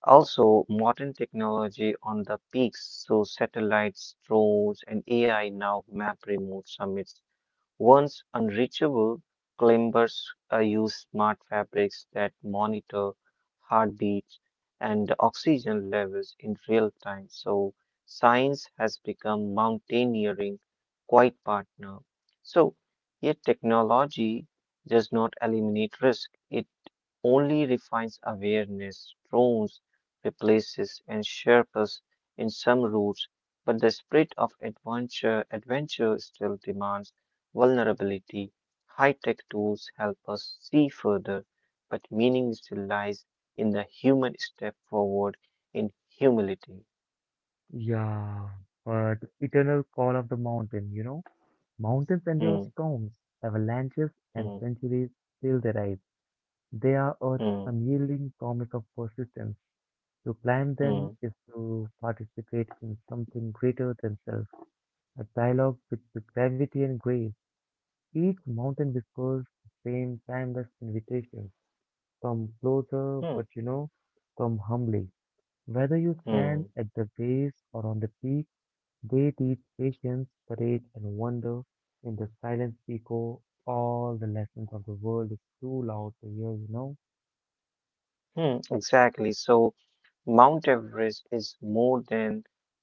also modern technology on the peaks, so satellites, drones, and AI now map remote summits. Once unreachable, climbers use smart fabrics that monitor heartbeats and oxygen levels in real time. So, science has become mountaineering quite partner. So, yet technology does not eliminate risk. It only refines awareness, drones, replaces and sharpens in some routes, but the spirit of adventure still demands vulnerability. High-tech tools help us see further, but meaning still lies in the human step forward in humility.
Yeah, but eternal call of the mountain? Mountains endure
Hmm,
storms, avalanches, and
hmm,
centuries still their rise. They are Earth's
hmm,
unyielding promise of persistence. To climb them
hmm,
is to participate in something greater than self, a dialogue with gravity and grace. Each mountain whispers the same timeless invitation. Some closer,
hmm,
but some humbly. Whether you
hmm.
stand at the base or on the peak, they teach patience, courage, and wonder. In the silent echo, all the lessons of the world is too loud to hear.
Hmm, exactly. So Mount Everest is more than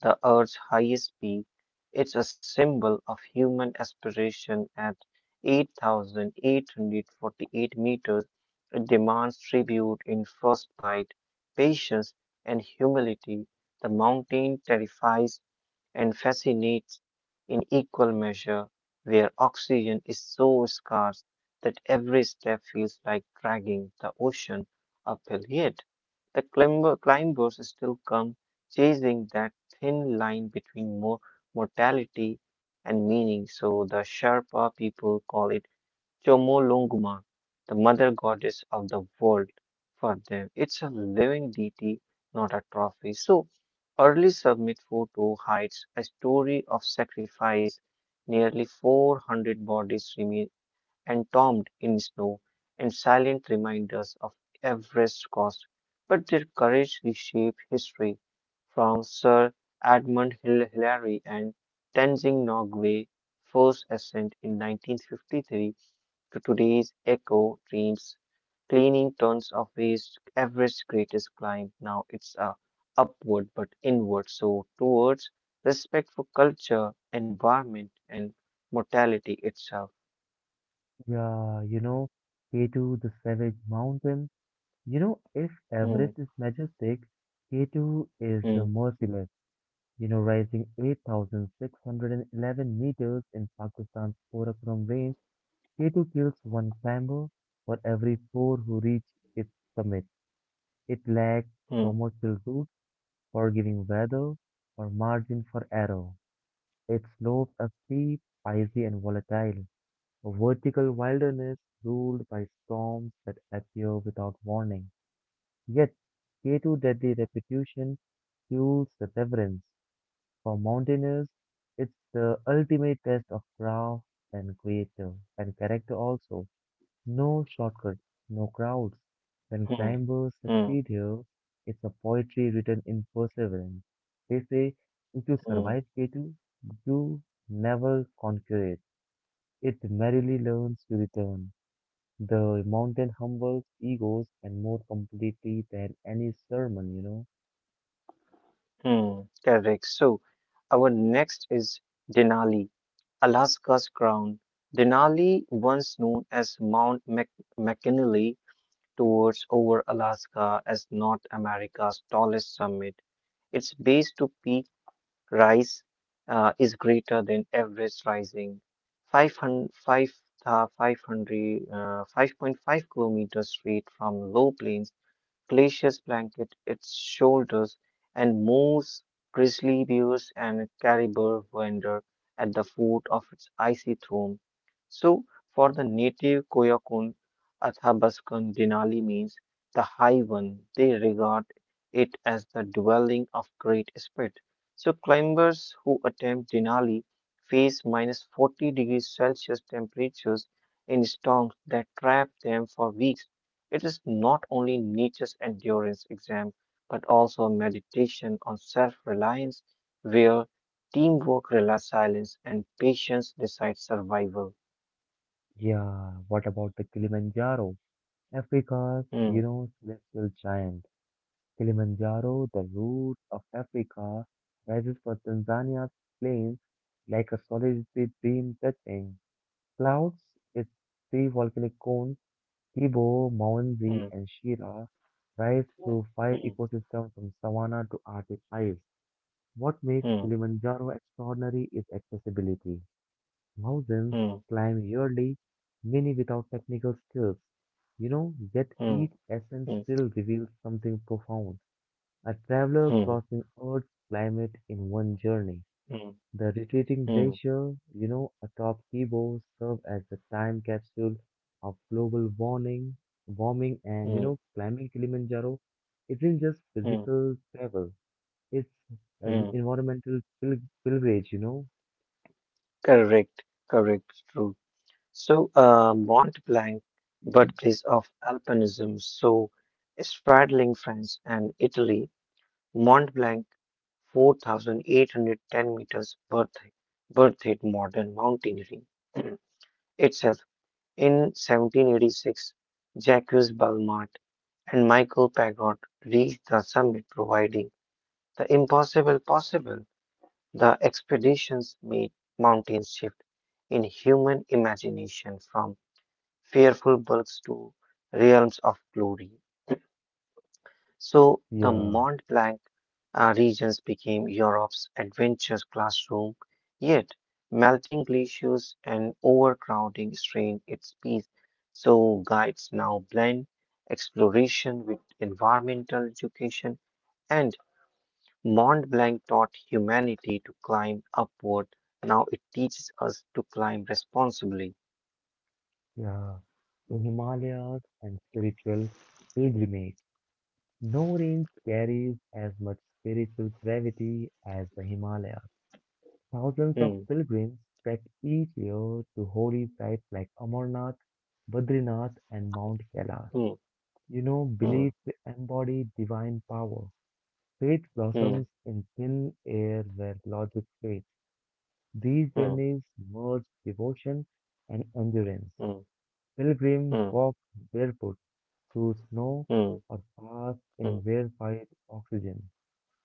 the Earth's highest peak. It's a symbol of human aspiration at 8,848 meters. It demands tribute in frostbite, patience, and humility. The mountain terrifies and fascinates in equal measure, where oxygen is so scarce that every step feels like dragging the ocean uphill. Yet, the climbers still come chasing that thin line between more mortality and meaning. So, the Sherpa people call it Chomolungma, the mother goddess of the world for them. It's a living deity, not a trophy. So, early submit photo hides a story of sacrifice. Nearly 400 bodies remain entombed in snow and silent reminders of Everest's cost. But their courage reshaped history. From Sir Edmund Hillary and Tenzing Norgay first ascent in 1953 to today's eco dreams, cleaning tons of waste, Everest greatest climb. Now it's a upward but inward, so towards respect for culture, environment, and mortality itself.
Yeah, K2, the savage mountain. If
Hmm,
Everest is majestic, K2 is the
hmm,
merciless, rising 8,611 meters in Pakistan's Karakoram range. K2 kills one climber for every four who reach its summit. It lacks
hmm,
commercial routes for giving weather or margin for error. Its slopes are steep, icy, and volatile, a vertical wilderness ruled by storms that appear without warning. Yet, K2 deadly reputation fuels the reverence. For mountaineers, it's the ultimate test of craft and creator and character also. No shortcut, no crowds. When
hmm,
climbers
hmm,
succeed here, it's a poetry written in perseverance. They say, if you
hmm,
survive K2, you never conquer it. It merrily learns to return. The mountain humbles egos and more completely than any sermon.
hmm. Correct. So our next is Denali, Alaska's crown. Denali, once known as Mount McKinley, tours over Alaska as North America's tallest summit. Its base to peak rise is greater than average rising 500, 5.5 kilometers straight from low plains glaciers blanket its shoulders, and moose, grizzly bears, and caribou wander at the foot of its icy throne. So, for the native Koyokun, Athabaskan Denali means the high one. They regard it as the dwelling of Great Spirit. So, climbers who attempt Denali face minus 40 degrees Celsius temperatures in storms that trap them for weeks. It is not only Nietzsche's endurance exam, but also a meditation on self reliance, where teamwork, relies silence, and patience decide survival.
Yeah, what about the Kilimanjaro? Africa's, you
Hmm,
know, celestial giant. Kilimanjaro, the root of Africa, rises from Tanzania's plains like a solitary dream touching clouds. Its three volcanic cones, Kibo, Mwanzi,
hmm,
and Shira, rise through five
hmm,
ecosystems from savanna to Arctic ice. What makes
hmm,
Kilimanjaro extraordinary is accessibility. Thousands
hmm,
climb yearly, many without technical skills. Yet
hmm,
each ascent
hmm,
still reveals something profound. A traveler
hmm,
crossing Earth's climate in one journey.
hmm,
The retreating
hmm,
glacier atop Kibo serve as the time capsule of global warming and, you
hmm,
know, climbing Kilimanjaro isn't just
hmm,
physical travel. It's an
hmm.
environmental pilgrimage.
Correct, correct, true. So, Mont Blanc, birthplace of alpinism, so straddling France and Italy, Mont Blanc 4,810 meters birthed modern mountaineering itself. In 1786, Jacques Balmat and Michael Pagod reached the summit, providing the impossible possible. The expeditions made mountains shift in human imagination from fearful bulks to realms of glory. So the
Yeah,
Mont Blanc regions became Europe's adventure classroom, yet melting glaciers and overcrowding strained its peace. So guides now blend exploration with environmental education, and Mont Blanc taught humanity to climb upward. Now it teaches us to climb responsibly.
yeah. The Himalayas and spiritual pilgrimage. No range carries as much spiritual gravity as the Himalayas. Thousands of
Hmm,
pilgrims trek each year to holy sites like Amarnath, Badrinath, and Mount Kailash.
hmm,
You know,
hmm,
beliefs embody divine power. Faith
hmm,
blossoms in thin air where logic fades. These
hmm,
journeys merge devotion and endurance.
hmm,
Pilgrims
hmm,
walk barefoot through snow
hmm,
or pass in
hmm,
rarefied oxygen.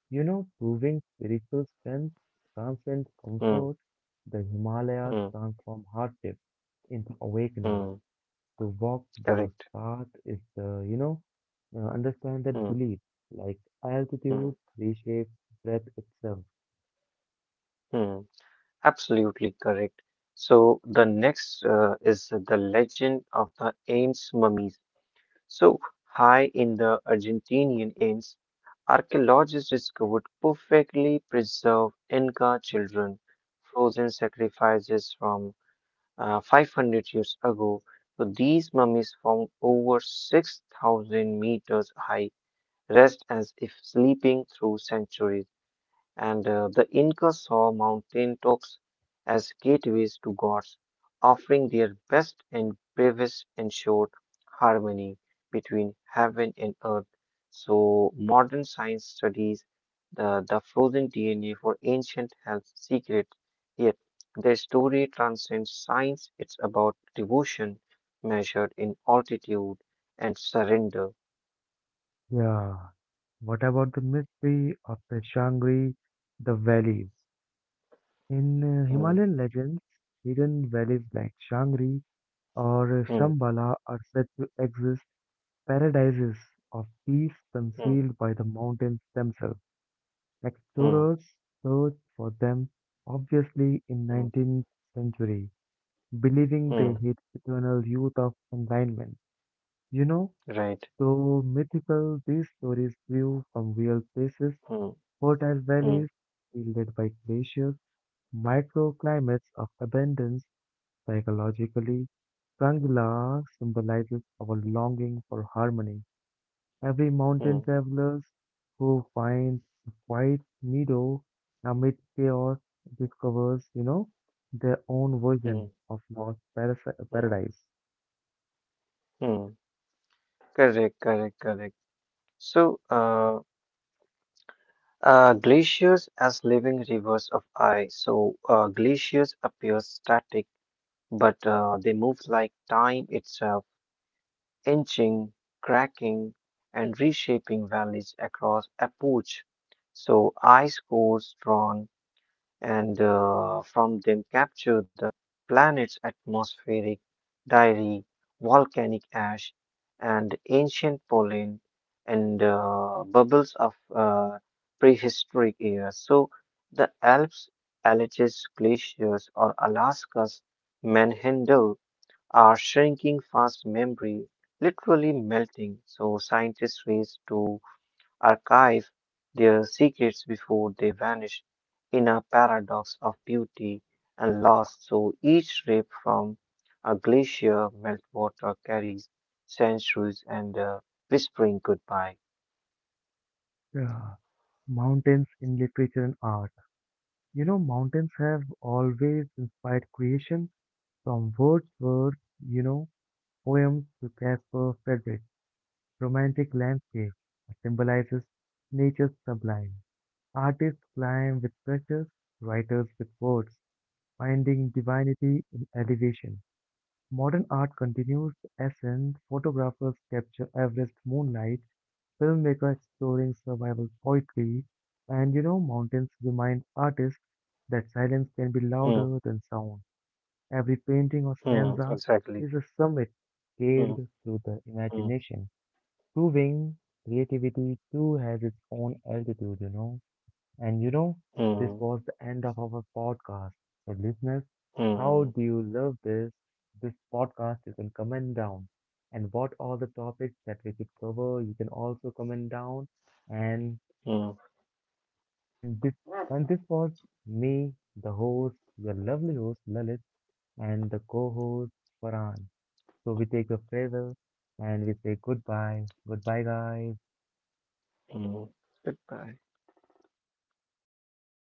Proving spiritual strength transcends
hmm,
comfort. The Himalayas
hmm,
transform hardship into awakening.
hmm.
To walk those
Correct.
paths is the understand
Hmm,
that belief, like
hmm,
altitude reshapes breath itself.
hmm. Absolutely correct. So the next is the legend of the Ains mummies. So high in the Argentinian Ains, archaeologists discovered perfectly preserved Inca children, frozen sacrifices from 500 years ago. So these mummies found over 6,000 meters high, rest as if sleeping through centuries. And the Incas saw mountain tops as gateways to gods, offering their best and bravest ensured harmony between heaven and earth. So, modern science studies the frozen DNA for ancient health secrets. Yet their story transcends science. It's about devotion measured in altitude and surrender.
Yeah. What about the mystery of the Shangri, the valleys? In
Mm,
Himalayan legends, hidden valleys like Shangri or
mm,
Shambhala are said to exist paradises of peace
mm,
concealed by the mountains themselves.
mm,
Explorers searched for them, obviously in
mm,
19th century, believing they
mm,
hid eternal youth of enlightenment. You know,
right.
so mythical these stories grew from real places,
Mm,
fertile
mm.
valleys shielded by glaciers, microclimates of abundance. Psychologically, Kangla symbolizes our longing for harmony. Every mountain
Mm,
travelers who finds a quiet meadow amid chaos discovers, their own version
mm,
of lost parasi-
mm,
paradise.
mm. Correct, correct, correct. So, glaciers as living rivers of ice. So, glaciers appear static, but they move like time itself, inching, cracking, and reshaping valleys across a pooch. So, ice cores drawn and from them capture the planet's atmospheric diary, volcanic ash, and ancient pollen and bubbles of prehistoric era. So the Alps, Alleghes glaciers, or Alaska's manhandle are shrinking fast, memory literally melting. So scientists race to archive their secrets before they vanish in a paradox of beauty and loss. So each rip from a glacier meltwater carries centuries and whispering goodbye.
Yeah. Mountains in literature and art. Mountains have always inspired creation from Wordsworth, you know, poems to Caspar Friedrich. Romantic landscape symbolizes nature's sublime. Artists climb with pictures, writers with words. Finding divinity in elevation. Modern art continues the essence, photographers capture Everest moonlight, filmmakers exploring survival poetry, and mountains remind artists that silence can be
Hmm,
louder than sound. Every painting or
hmm,
stanza
exactly.
is a summit
Hmm,
scaled through the
hmm,
imagination, proving creativity too has its own altitude. And this
hmm,
was the end of our podcast. So, listeners, how
hmm,
do you love this? This podcast you can comment down. And what are the topics that we could cover, you can also comment down. And
hmm,
and this and this was me, the host, your lovely host Lalit, and the co-host Farhan. So we take a farewell and we say goodbye. Goodbye guys.
hmm. Goodbye.